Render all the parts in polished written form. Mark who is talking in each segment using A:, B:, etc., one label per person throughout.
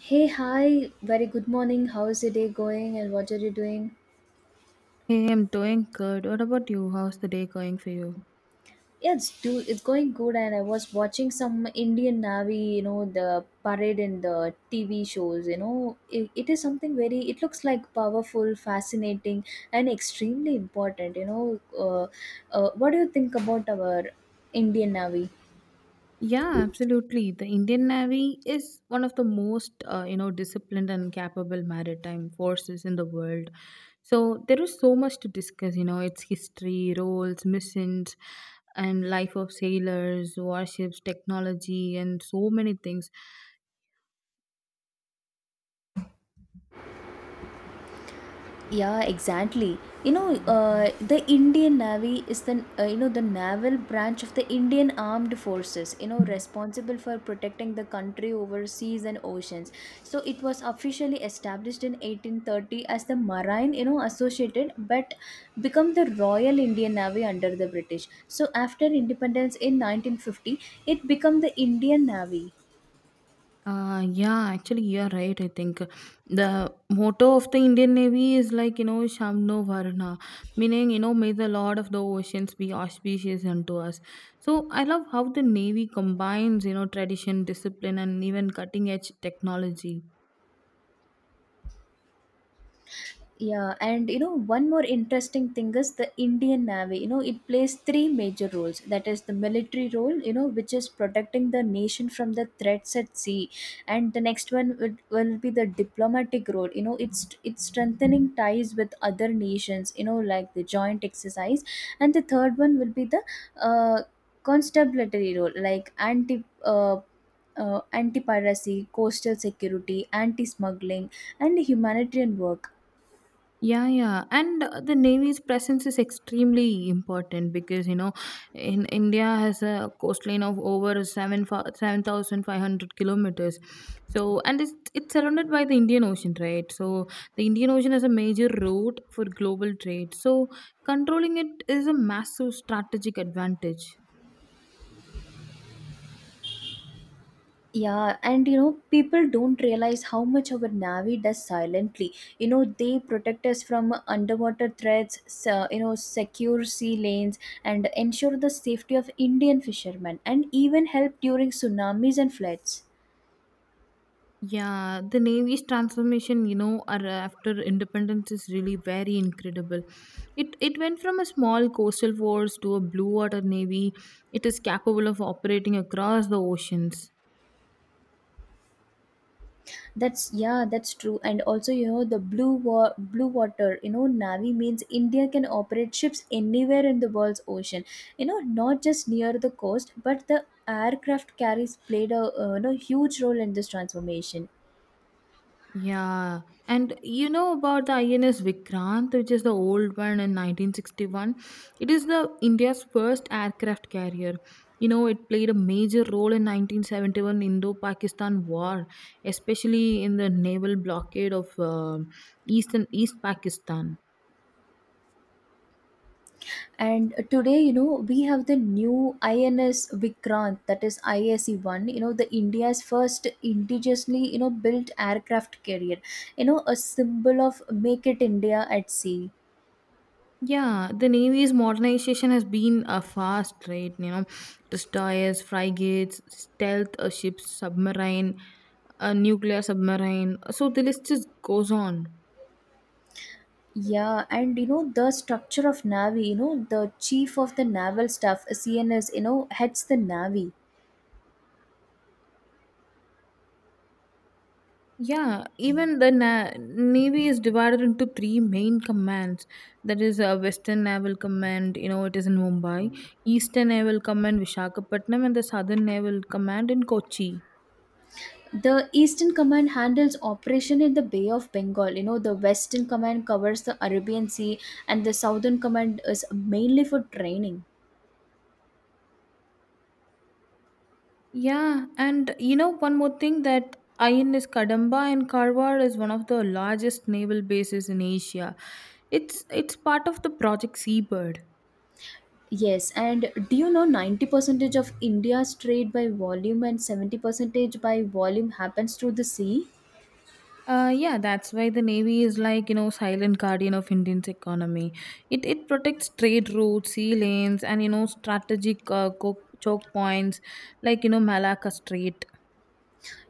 A: Hey, hi. Very good morning. How is your day going and what are you doing?
B: Hey, I'm doing good. What about you? How's the day going for you?
A: Yeah, it's going good, and I was watching some Indian Navy, the parade in the TV shows, It is something very it looks like powerful, fascinating and extremely important, What do you think about our Indian Navy?
B: Yeah, absolutely. The Indian Navy is one of the most, you know, disciplined and capable maritime forces in the world. So there is so much to discuss. You know, its history, roles, missions, and life of sailors, warships, technology, and so many things.
A: Yeah, exactly. The Indian Navy is the the naval branch of the Indian Armed Forces, You know, responsible for protecting the country over seas and oceans. So it was officially established in 1830 as the Marine, Associated, but become the Royal Indian Navy under the British. So after independence in 1950, it became the Indian Navy.
B: Yeah, actually, you're right. I think the motto of the Indian Navy is like, you know, Shamno Varna, meaning, you know, may the Lord of the Oceans be auspicious unto us. So I love how the Navy combines, you know, tradition, discipline, and even cutting edge technology.
A: Yeah, and one more interesting thing is the Indian Navy. You know, it plays three major roles. That is the military role, which is protecting the nation from the threats at sea, and the next one will be the diplomatic role. You know, it's strengthening ties with other nations, like the joint exercise, and the third one will be the uh, constabulary role, like anti-piracy, coastal security, anti-smuggling, and humanitarian work.
B: Yeah, yeah, and the Navy's presence is extremely important because you know, in India has a coastline of over seven thousand five hundred kilometers. So, and it's surrounded by the Indian Ocean, right? So, the Indian Ocean is a major route for global trade. So, controlling it is a massive strategic advantage.
A: Yeah, and people don't realize how much our Navy does silently. You know, they protect us from underwater threats, so, secure sea lanes, and ensure the safety of Indian fishermen, and even help during tsunamis and floods.
B: Yeah, the Navy's transformation, you know, after independence is really very incredible. It went from a small coastal force to a blue water navy. It is capable of operating across the oceans.
A: That's yeah, that's true. And also, the blue water, Navy means India can operate ships anywhere in the world's ocean. You know, not just near the coast, but the aircraft carriers played a huge role in this transformation.
B: Yeah, and you know about the INS Vikrant, which is the old one in 1961. It is the India's first aircraft carrier. You know, it played a major role in 1971 Indo-Pakistan War, especially in the naval blockade of East Pakistan.
A: And today, we have the new INS Vikrant, that is ISE one. You know, the India's first indigenously, built aircraft carrier. You know, a symbol of Make It India at Sea.
B: Yeah, the Navy's modernization has been a fast rate. You know, destroyers, frigates, stealth ships, submarine, a nuclear submarine. So the list just goes on.
A: Yeah, and the structure of Navy. You know the chief of the naval staff, CNS, you know, heads the Navy.
B: Yeah, even the navy is divided into three main commands. That is, a Western Naval Command. You know, it is in Mumbai. Eastern Naval Command, Vishakhapatnam, and the Southern Naval Command in Kochi.
A: The Eastern Command handles operation in the Bay of Bengal. You know the Western Command covers the Arabian Sea, and the Southern Command is mainly for training.
B: Yeah, and you know one more thing that INS Kadamba in Karwar is one of the largest naval bases in Asia. It's part of the Project Seabird.
A: Yes, and do you know 90 percentage of India's trade by volume and 70 percentage by volume happens through the sea?
B: Yeah, that's why the navy is like you know silent guardian of Indian's economy. It protects trade routes, sea lanes, and you know strategic choke points like you know Malacca Strait.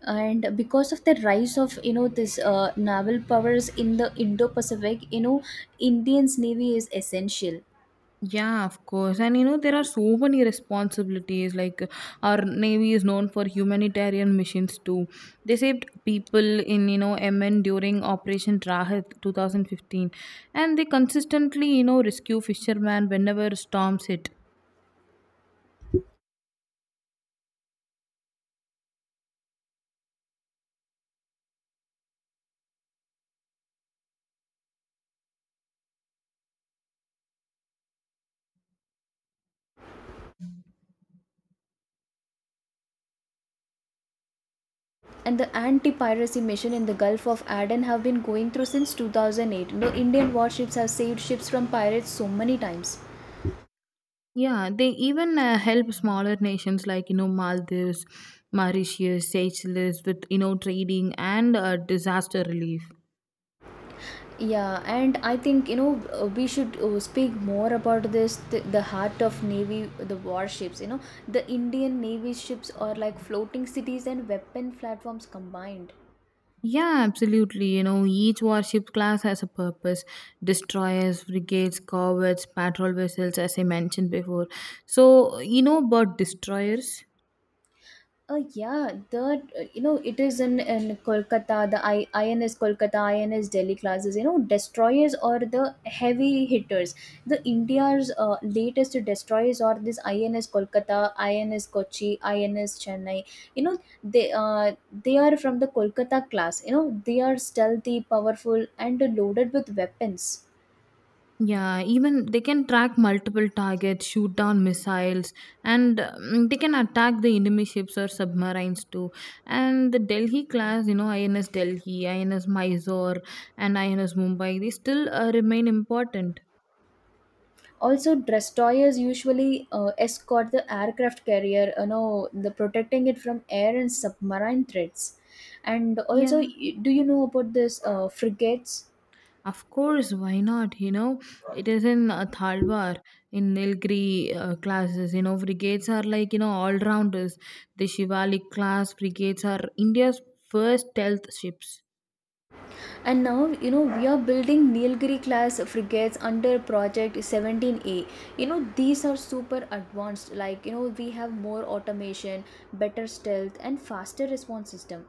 A: And because of the rise of this naval powers in the Indo-Pacific, Indian's Navy is essential.
B: Yeah, of course. And you know, there are so many responsibilities. Like, our Navy is known for humanitarian missions too. They saved people in, you know, MN during Operation Rahat 2015. And they consistently, you know, rescue fishermen whenever storms hit.
A: And the anti-piracy mission in the Gulf of Aden have been going through since 2008. You know, Indian warships have saved ships from pirates so many times.
B: Yeah, they even help smaller nations like you know Maldives, Mauritius, Seychelles with you know trading and disaster relief.
A: Yeah, and I think we should speak more about this, the heart of Navy, the warships. You know, the Indian Navy ships are like floating cities and weapon platforms combined.
B: Yeah, absolutely. You know, each warship class has a purpose: destroyers, frigates, corvettes, patrol vessels, as I mentioned before. So you know about destroyers?
A: Yeah, that it is in Kolkata. The INS Kolkata, INS Delhi classes. You know, destroyers or the heavy hitters. The India's latest destroyers are this INS Kolkata, INS Kochi, INS Chennai. You know, they uh, they are from the Kolkata class. You know, they are stealthy, powerful, and loaded with weapons.
B: Yeah, even they can track multiple targets, shoot down missiles, and they can attack the enemy ships or submarines too. And the Delhi class, you know, INS Delhi, INS Mysore, and INS Mumbai, they still remain important.
A: Also, destroyers usually escort the aircraft carrier, you know, the protecting it from air and submarine threats. And also
B: Yeah,
A: do you know about this frigates?
B: of course, why not? You know, it is in Thalwar, in Nilgiri classes. You know, brigades are like, you know, all rounders. The Shivalik class brigades are India's first stealth ships.
A: And now you know we are building Nilgiri class frigates under project 17a. You know, these are super advanced, like you know, we have more automation, better stealth, and faster response system.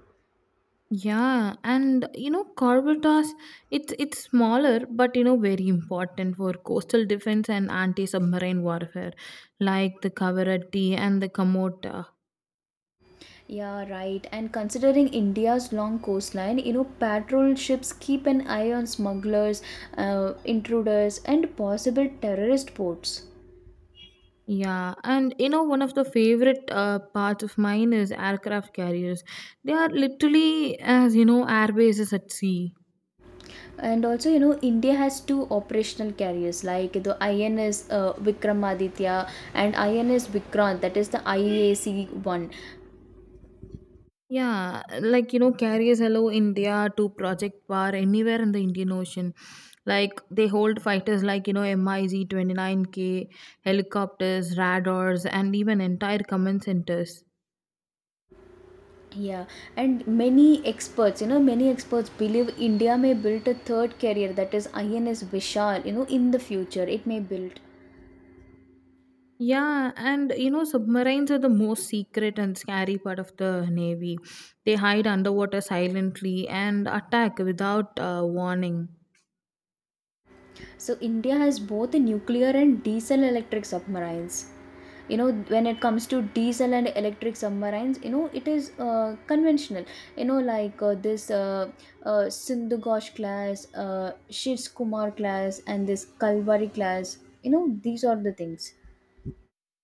B: Yeah, and you know, Corvetas, it's smaller, but you know, very important for coastal defense and anti-submarine warfare, like the Cavaretti and the Kamota.
A: Yeah, right. And considering India's long coastline, patrol ships keep an eye on smugglers, intruders, and possible terrorist ports.
B: Yeah, and you know, one of the favorite parts of mine is aircraft carriers. They are literally as you know, air bases at sea.
A: And also, India has two operational carriers like the INS Vikramaditya and INS Vikrant, that is the IAC one.
B: Yeah, like you know, carriers hello India to project power anywhere in the Indian Ocean. Like they hold fighters like you know MiZ 29K, helicopters, radars, and even entire command centers.
A: Yeah, and many experts believe India may build a third carrier, that is INS Vishal, in the future. It may build.
B: Yeah, and you know, submarines are the most secret and scary part of the navy. They hide underwater silently and attack without warning.
A: So India has both the nuclear and diesel electric submarines. You know, when it comes to diesel and electric submarines, you know it is conventional. You know, like this Sindhu Ghosh class, Shiv Kumar class, and this Kalvari class. You know, these are the things.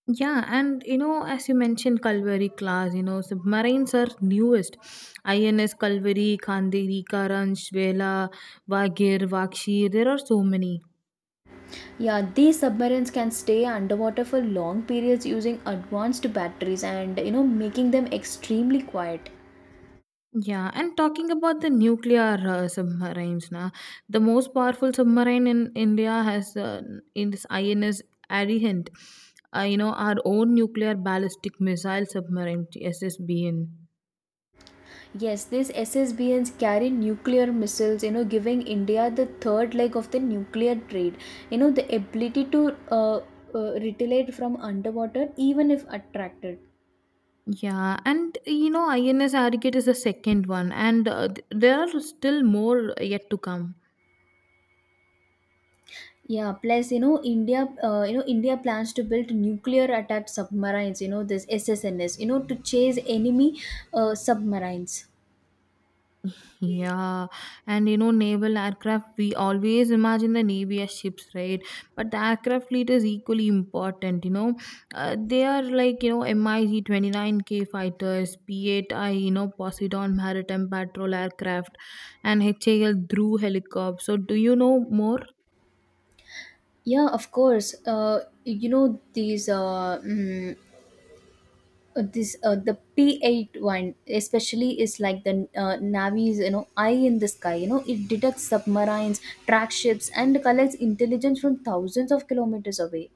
B: Yeah, and you know, as you mentioned, Kalvari class, you know, submarines are newest. INS Kalvari, Kanderi, Karanj, Vela, Vagir, Vakshi, there are so many.
A: Yeah, these submarines can stay underwater for long periods using advanced batteries and you know making them extremely quiet.
B: Yeah, and talking about the nuclear submarines, na, the most powerful submarine in India has in this INS Arihant, you know, our own nuclear ballistic missile submarine, SSBN.
A: Yes, these SSBNs carry nuclear missiles, giving India the third leg of the nuclear trade. You know, the ability to retaliate from underwater, even if attracted.
B: Yeah, and you know, INS Arcade is the second one, and there are still more yet to come.
A: Yeah, plus, India plans to build nuclear attack submarines, this SSNS, to chase enemy submarines.
B: Yeah, and you know, naval aircraft, we always imagine the Navy as ships, right? But the aircraft fleet is equally important, you know. They are like, you know, MiG 29K fighters, P8I, you know, Poseidon Maritime Patrol aircraft, and HAL Drew helicopter. So, do you know more?
A: Yeah, of course. You know, these mm, this the P8 one especially is like the Navy's, you know, eye in the sky. You know, it detects submarines, track ships, and collects intelligence from thousands of kilometers away.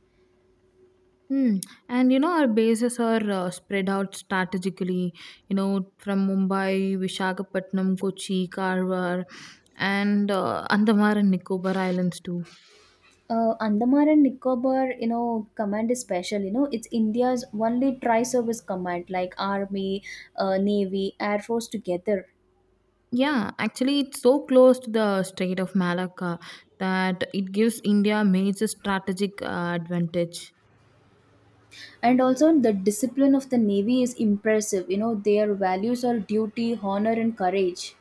B: Hmm. And you know, our bases are spread out strategically, you know, from Mumbai, Vishakhapatnam, Kochi, Karwar, and Andamar and Nicobar Islands too.
A: Andaman and Nicobar, you know, command is special. You know, it's India's only tri-service command, like army, navy, air force together.
B: Yeah, actually, it's so close to the Strait of Malacca that it gives India major strategic advantage.
A: And also the discipline of the Navy is impressive. You know, their values are duty, honor, and courage.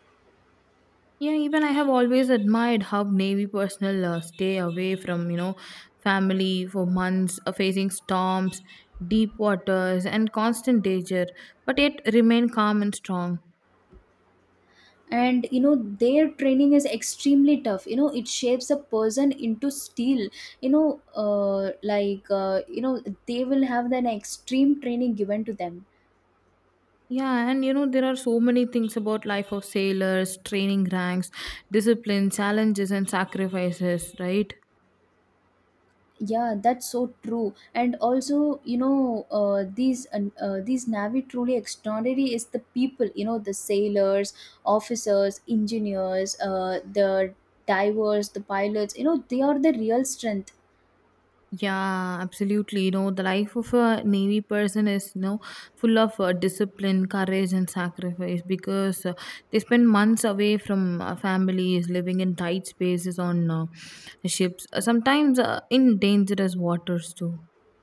B: Yeah, even I have always admired how Navy personnel stay away from, you know, family for months, facing storms, deep waters, and constant danger, but yet remain calm and strong.
A: And you know their training is extremely tough. You know, it shapes a person into steel. You know, they will have an extreme training given to them.
B: Yeah, and you know, there are so many things about life of sailors, training ranks, discipline, challenges, and sacrifices, right?
A: Yeah, that's so true. And also these Navy truly extraordinary is the people. You know, the sailors, officers, engineers, the divers, the pilots, you know, they are the real strength.
B: Yeah, absolutely. You know, the life of a Navy person is, you know, full of discipline, courage, and sacrifice because they spend months away from families, living in tight spaces on ships, sometimes in dangerous waters, too.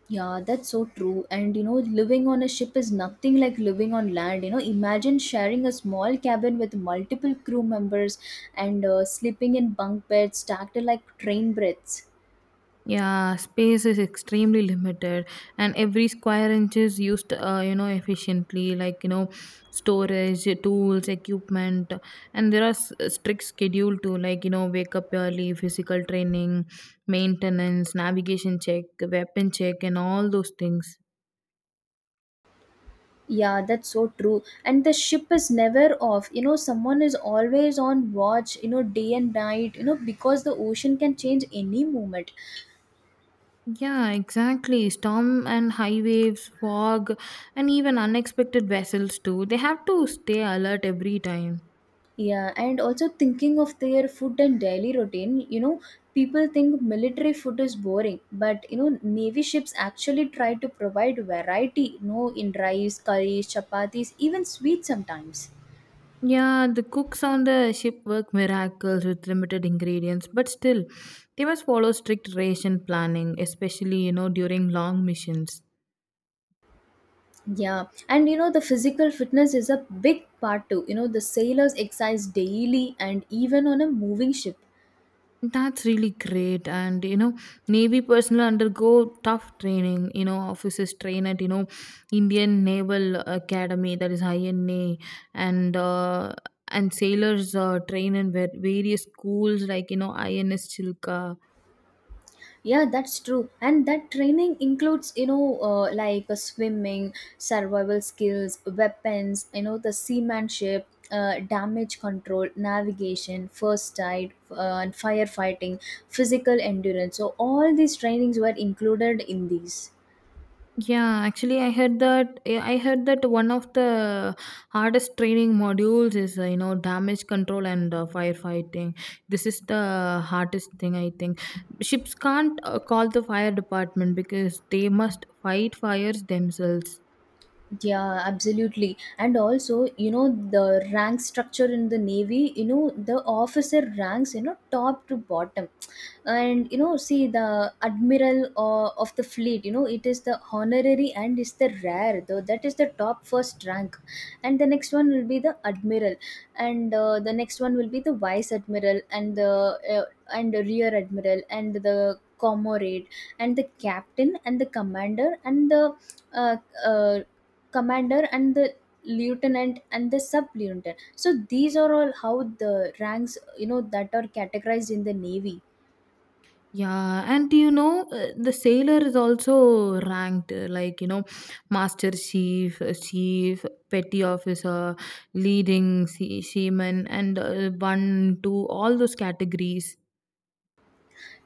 A: Yeah, that's so true. And you know, living on a ship is nothing like living on land. You know, imagine sharing a small cabin with multiple crew members and sleeping in bunk beds stacked like train breaths.
B: Yeah, space is extremely limited, and every square inch is used, you know, efficiently. Like you know, storage, tools, equipment, and there are strict schedule to like you know, wake up early, physical training, maintenance, navigation check, weapon check, and all those things.
A: Yeah, that's so true. And the ship is never off. You know, someone is always on watch, day and night, because the ocean can change any moment.
B: Yeah, exactly. Storm and high waves, fog, and even unexpected vessels too. They have to stay alert every time.
A: Yeah, and also thinking of their food and daily routine, people think military food is boring, but you know, navy ships actually try to provide variety, in rice, curries, chapatis, even sweets sometimes.
B: Yeah, the cooks on the ship work miracles with limited ingredients, but still, they must follow strict ration planning, especially, you know, during long missions.
A: Yeah, and the physical fitness is a big part too. You know, the sailors exercise daily and even on a moving ship.
B: That's really great. And, you know, Navy personnel undergo tough training. You know, officers train at, you know, Indian Naval Academy, that is INA, and, uh, and sailors train in various schools like, you know, INS Chilka.
A: Yeah, that's true. And that training includes, swimming, survival skills, weapons, the seamanship, damage control, navigation, first aid, and firefighting, physical endurance. So, all these trainings were included in these.
B: Yeah, actually, I heard that. I heard that one of the hardest training modules is, you know, damage control and firefighting. This is the hardest thing, I think. Ships can't call the fire department because they must fight fires themselves.
A: Yeah, absolutely. And also, the rank structure in the Navy, the officer ranks, top to bottom. And, see the admiral of the fleet, it is the honorary and is the rare, though that is the top first rank. And the next one will be the admiral. And the next one will be the vice admiral, and the rear admiral, and the comrade, and the captain, and the commander, and the uh, uh, commander, and the lieutenant, and the sub lieutenant. So these are all how the ranks, you know, that are categorized in the Navy.
B: Yeah, and do you know, the sailor is also ranked like, you know, master chief, chief, petty officer, leading seaman, and one, two, all those categories.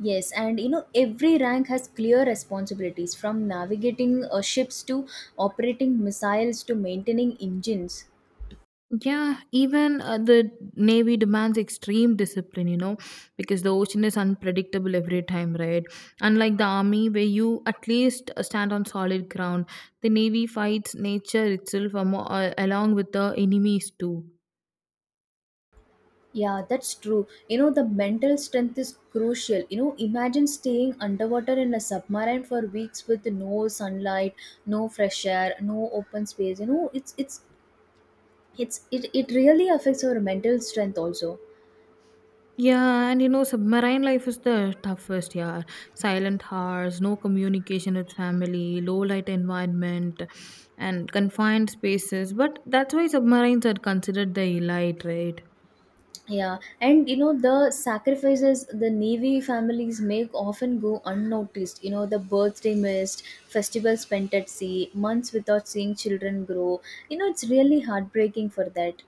A: Yes, and you know every rank has clear responsibilities, from navigating ships to operating missiles to maintaining engines.
B: Yeah, even the Navy demands extreme discipline, you know, because the ocean is unpredictable every time, right? Unlike the Army, where you at least stand on solid ground, the Navy fights nature itself along with the enemies too.
A: Yeah, that's true. You know, the mental strength is crucial. You know, imagine staying underwater in a submarine for weeks with no sunlight, no fresh air, no open space. You know, it really affects our mental strength also.
B: Yeah, and you know, submarine life is the toughest, yeah. Silent hours, no communication with family, low light environment, and confined spaces. But that's why submarines are considered the elite, right?
A: Yeah, and you know the sacrifices the Navy families make often go unnoticed. You know the birthday missed, festivals spent at sea, months without seeing children grow. You know it's really heartbreaking for that.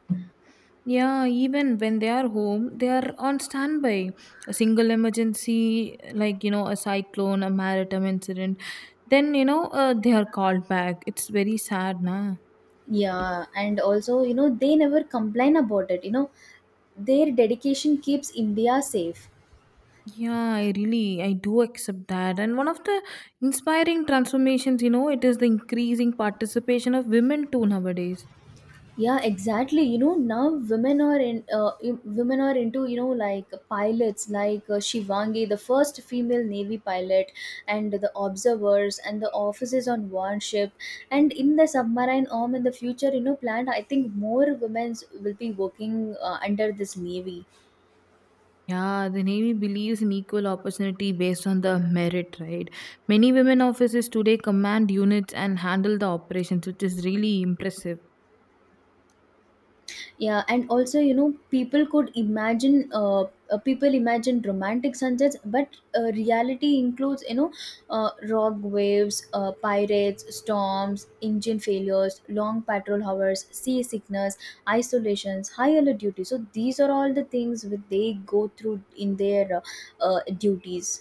B: Yeah, even when they are home, they are on standby. A single emergency, like, you know, a cyclone, a maritime incident, then, you know, they are called back. It's very sad, nah.
A: Yeah, and also, they never complain about it. You know, their dedication keeps India safe.
B: Yeah, I do accept that. And one of the inspiring transformations, you know, it is the increasing participation of women too nowadays.
A: Yeah, exactly. You know, now women are in women are into, like pilots, like Shivangi, the first female Navy pilot, and the observers and the officers on warship. And in the submarine arm in the future, planned, I think more women will be working under this Navy.
B: Yeah, the Navy believes in equal opportunity based on the merit, right? Many women officers today command units and handle the operations, which is really impressive.
A: Yeah, and also people imagine romantic sunsets, but reality includes, rock waves, pirates, storms, engine failures, long patrol hours, sea sickness, isolations, high alert duty. So these are all the things which they go through in their duties.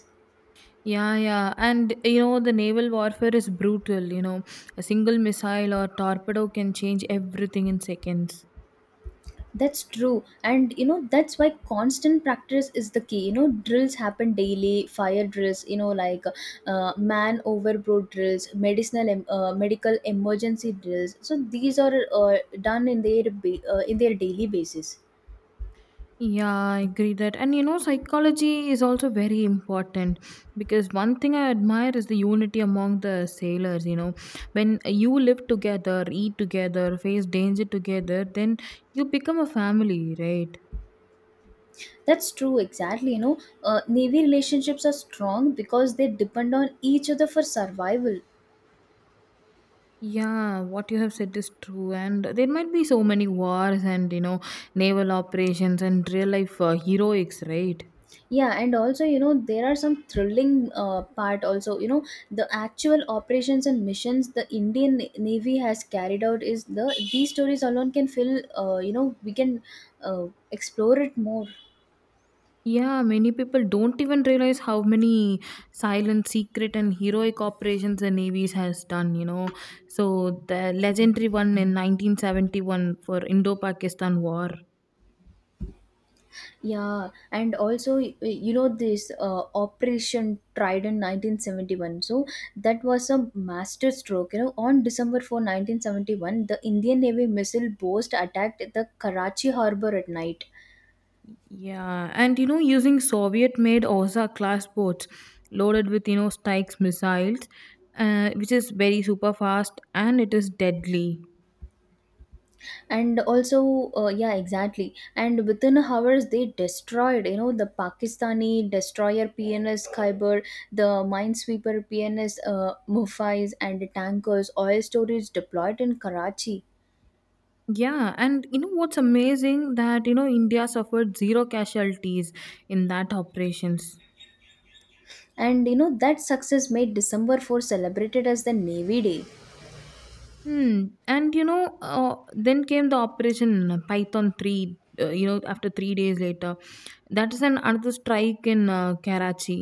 B: Yeah, yeah. And you know, the naval warfare is brutal. You know, a single missile or torpedo can change everything in seconds.
A: That's true. And you know, that's why constant practice is the key. You know, drills happen daily, fire drills, man overboard drills, medical emergency drills. So these are done in their, in their daily basis.
B: Yeah, I agree that. And you know, psychology is also very important because one thing I admire is the unity among the sailors. You know, when you live together, eat together, face danger together, then you become a family, right?
A: That's true, exactly. You know, Navy relationships are strong because they depend on each other for survival.
B: Yeah, what you have said is true, and there might be so many wars and you know naval operations and real life heroics, right?
A: Yeah, and also you know there are some thrilling part also. You know, the actual operations and missions the indian navy has carried out, is the these stories alone can fill, you know, we can uh, explore it more.
B: Yeah, many people don't even realize how many silent, secret, and heroic operations the navies has done. You know, so the legendary one in 1971 for Indo-Pakistan War.
A: Yeah, and also you know, this operation trident 1971, so that was a master stroke. You know, on december 4th 1971 the indian navy missile boast attacked the karachi harbor at night.
B: Yeah, and you know, using Soviet made Osa class boats loaded with you know Stikes missiles, which is very super fast and it is deadly.
A: And also Yeah, exactly, and within hours they destroyed, you know, the pakistani destroyer pns khyber, the minesweeper pns mufais, and tankers oil storage deployed in karachi.
B: Yeah, and you know what's amazing that you know India suffered zero casualties in that operations.
A: And you know, that success made december 4th celebrated as the navy day.
B: Hmm. And you know, then came the operation Python three. You know, after 3 days later, that is an another strike in Karachi.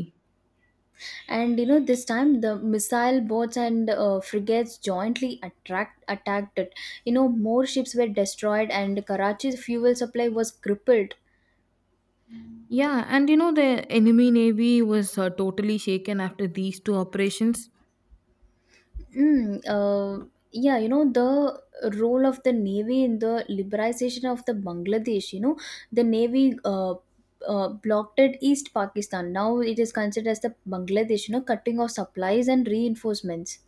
A: And you know, this time the missile boats and frigates jointly attract attacked it. You know, more ships were destroyed and karachi's fuel supply was crippled.
B: Yeah, and you know, the enemy navy was totally shaken after these two operations.
A: Mm, uh, yeah, you know, the role of the Navy in the liberalization of the Bangladesh, you know, the Navy blockaded East Pakistan. Now it is considered as the Bangladesh, you know, cutting off supplies and reinforcements.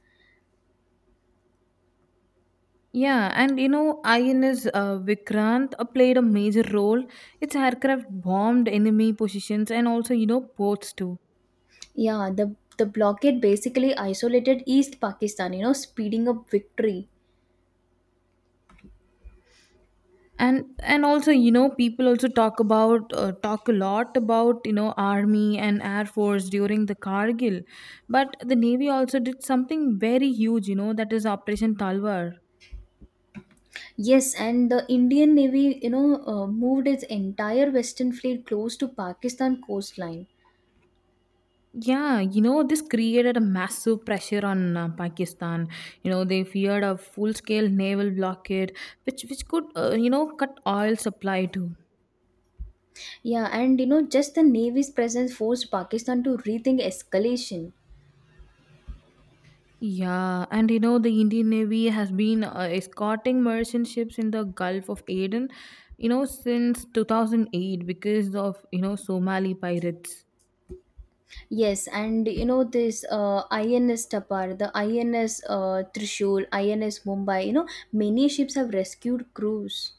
B: Yeah, and you know, INS Vikrant played a major role. Its aircraft bombed enemy positions and also, you know, ports too.
A: Yeah, the blockade basically isolated East Pakistan, you know, speeding up victory.
B: And also, you know, people also talk about talk a lot about you know army and air force during the Kargil, but the navy also did something very huge. That is Operation Talwar.
A: Yes, and the Indian Navy, you know, moved its entire Western Fleet close to Pakistan coastline.
B: This created a massive pressure on Pakistan. You know, they feared a full-scale naval blockade, which could, cut oil supply too.
A: Yeah, and you know, just the Navy's presence forced Pakistan to rethink escalation.
B: The Indian Navy has been escorting merchant ships in the Gulf of Aden, since 2008 because of, Somali pirates.
A: Yes, and you know, this INS Tapar, the INS Trishul, INS Mumbai, you know, many ships have rescued crews.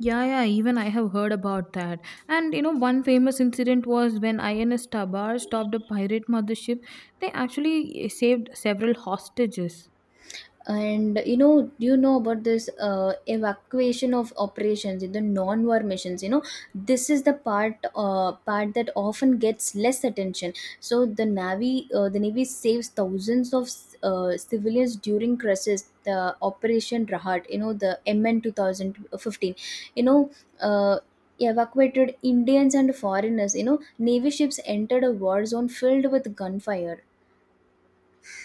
B: Yeah, yeah, even I have heard about that. And you know, one famous incident was when INS Tabar stopped a pirate mothership, they actually saved several hostages.
A: And you know, do you know about this evacuation of operations in the non-war missions? You know, this is the part that often gets less attention. So the navy saves thousands of civilians during crisis. The operation rahat, you know, the mn 2015, you know, uh, evacuated indians and foreigners. You know, navy ships entered a war zone filled with gunfire.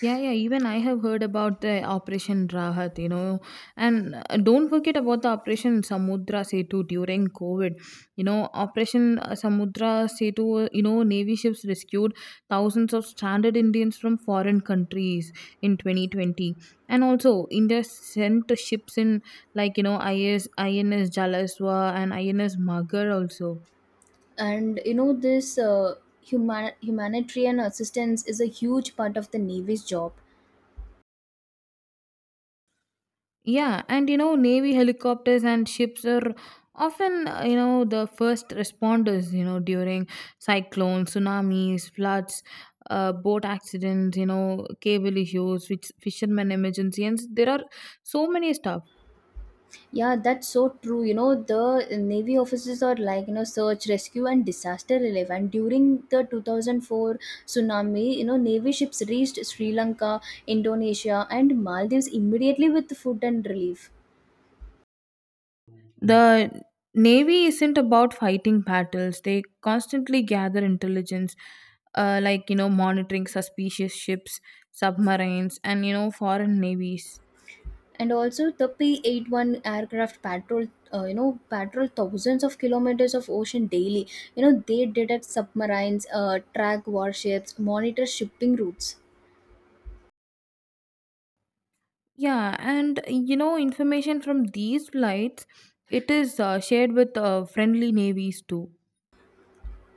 B: Yeah, yeah. Even I have heard about the Operation Rahat, and don't forget about the Operation Samudra Setu during COVID. You know, Operation Samudra Setu. You know, Navy ships rescued thousands of stranded Indians from foreign countries in 2020, and also India sent ships in like you know INS Jalaswa and INS Magar also.
A: And you know, this humanitarian assistance is a huge part of the navy's job.
B: Yeah, and you know, Navy helicopters and ships are often, the first responders, during cyclones, tsunamis, floods, boat accidents, cable issues, which fishermen emergency, and there are so many stuff.
A: Yeah, that's so true. You know, the navy officers are like, you know, search rescue and disaster relief, and during the 2004 tsunami, you know, navy ships reached sri lanka, indonesia and maldives immediately with food and relief.
B: The Navy isn't about fighting battles, they constantly gather intelligence, monitoring suspicious ships, submarines, and, foreign navies.
A: And also the P-81 aircraft patrol, you know, patrol thousands of kilometers of ocean daily. You know, they detect submarines, track warships, monitor shipping routes.
B: Information from these flights, it is shared with friendly navies too.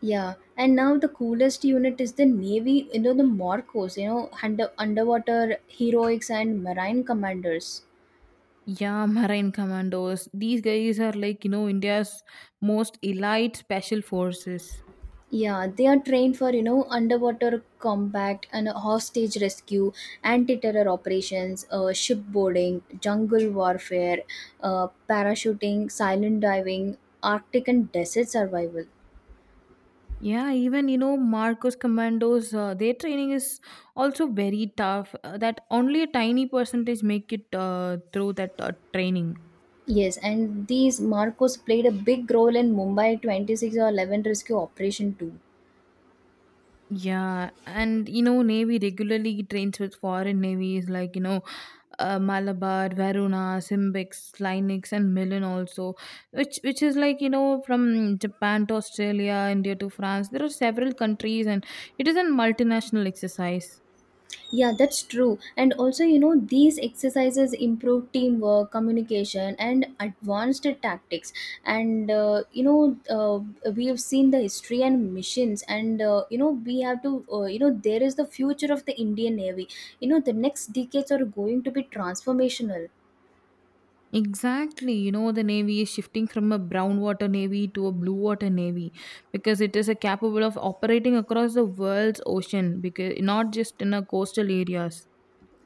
A: Yeah, and now the coolest unit is the Navy, you know, the Morcos, you know, underwater heroics and marine commanders.
B: Yeah, marine commandos. These guys are like, India's most elite special forces.
A: Yeah, they are trained for, you know, underwater combat and hostage rescue, anti-terror operations, shipboarding, jungle warfare, parachuting, silent diving, Arctic and desert survival.
B: Yeah, even, Marcos commandos, their training is also very tough. That only a tiny percentage make it through that training.
A: Yes, and these Marcos played a big role in Mumbai 26 or 11 rescue operation too.
B: Navy regularly trains with foreign navies like Malabar, Varuna, Simbex, Linux, and Milan also, which is like from Japan to Australia, India to France. There are several countries, and it is a multinational exercise.
A: Yeah, that's true. And also, you know, these exercises improve teamwork, communication, and advanced tactics. And we have seen the history and missions, and, you know, there is the future of the Indian Navy. You know, the next decades are going to be transformational.
B: Exactly, the Navy is shifting from a brown water navy to a blue water navy because it is a capable of operating across the world's ocean because not just in a coastal areas.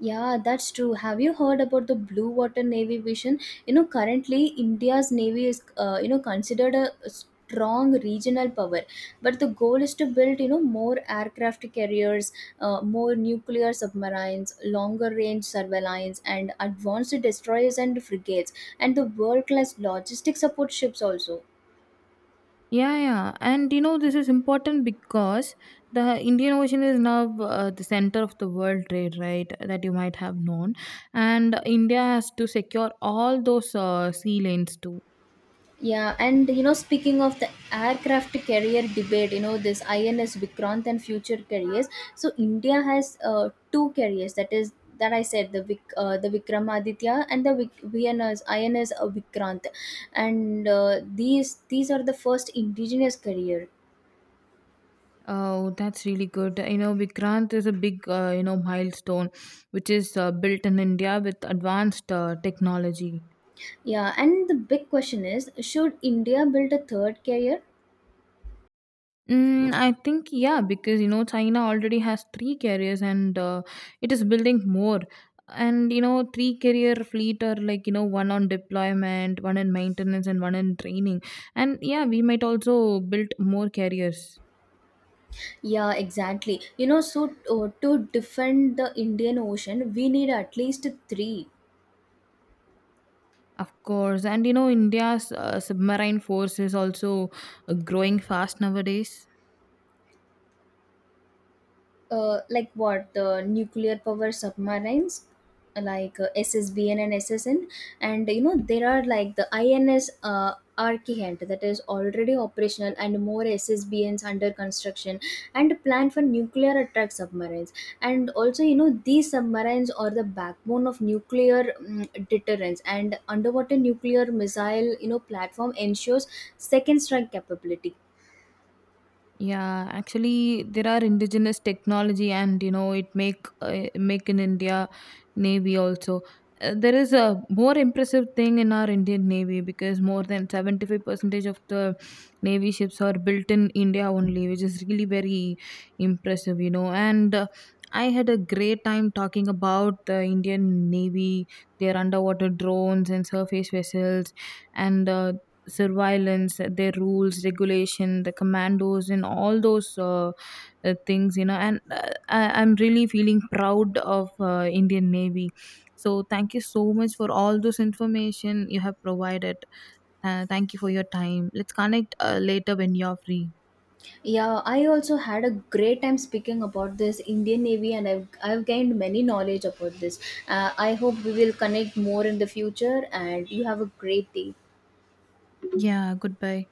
A: Yeah, that's true. Have you heard about the blue water navy vision? You know, currently India's navy is, you know, considered a strong regional power, but the goal is to build, you know, more aircraft carriers, more nuclear submarines, longer range surveillance, and advanced destroyers and frigates, and the world class logistic support ships also.
B: Yeah, yeah. And you know, this is important because the Indian Ocean is now the center of the world trade, right? That you might have known. And India has to secure all those sea lanes too.
A: Yeah, and you know, speaking of the aircraft carrier debate, you know, this INS Vikrant and future carriers. So India has two carriers. That is that I said the the Vikramaditya and the VNS INS Vikrant, and these are the first indigenous carrier.
B: Oh, that's really good. You know, Vikrant is a big, milestone which is built in India with advanced technology.
A: Yeah, and the big question is, should India build a third carrier?
B: Mm, I think yeah, because you know China already has three carriers and it is building more. And you know, three carrier fleet are like one on deployment, one in maintenance, and one in training. And yeah, we might also build more carriers,
A: Yeah, exactly. You know, so to defend the Indian Ocean, we need at least three.
B: of course. And you know, India's submarine force is also growing fast nowadays.
A: Like what? The nuclear power submarines, like SSBN and SSN, and you know there are like the INS Archihant that is already operational, and more SSBNs under construction, and planned for nuclear attack submarines. And also, you know, these submarines are the backbone of nuclear deterrence, and underwater nuclear missile, you know, platform ensures second strike capability.
B: Yeah, actually, there are indigenous technology, and you know it make in India Navy also. There is a more impressive thing in our Indian Navy because more than 75 percentage of the Navy ships are built in India only, which is really very impressive, you know. And I had a great time talking about the Indian Navy, their underwater drones and surface vessels, and surveillance, their rules, regulation, the commandos, and all those things, you know. And uh, I'm really feeling proud of Indian Navy. So thank you so much for all those information you have provided. Thank you for your time. Let's connect later when you're free.
A: Yeah, I also had a great time speaking about this Indian Navy, and I've gained many knowledge about this. I hope we will connect more in the future, and you have a great day.
B: Yeah, goodbye.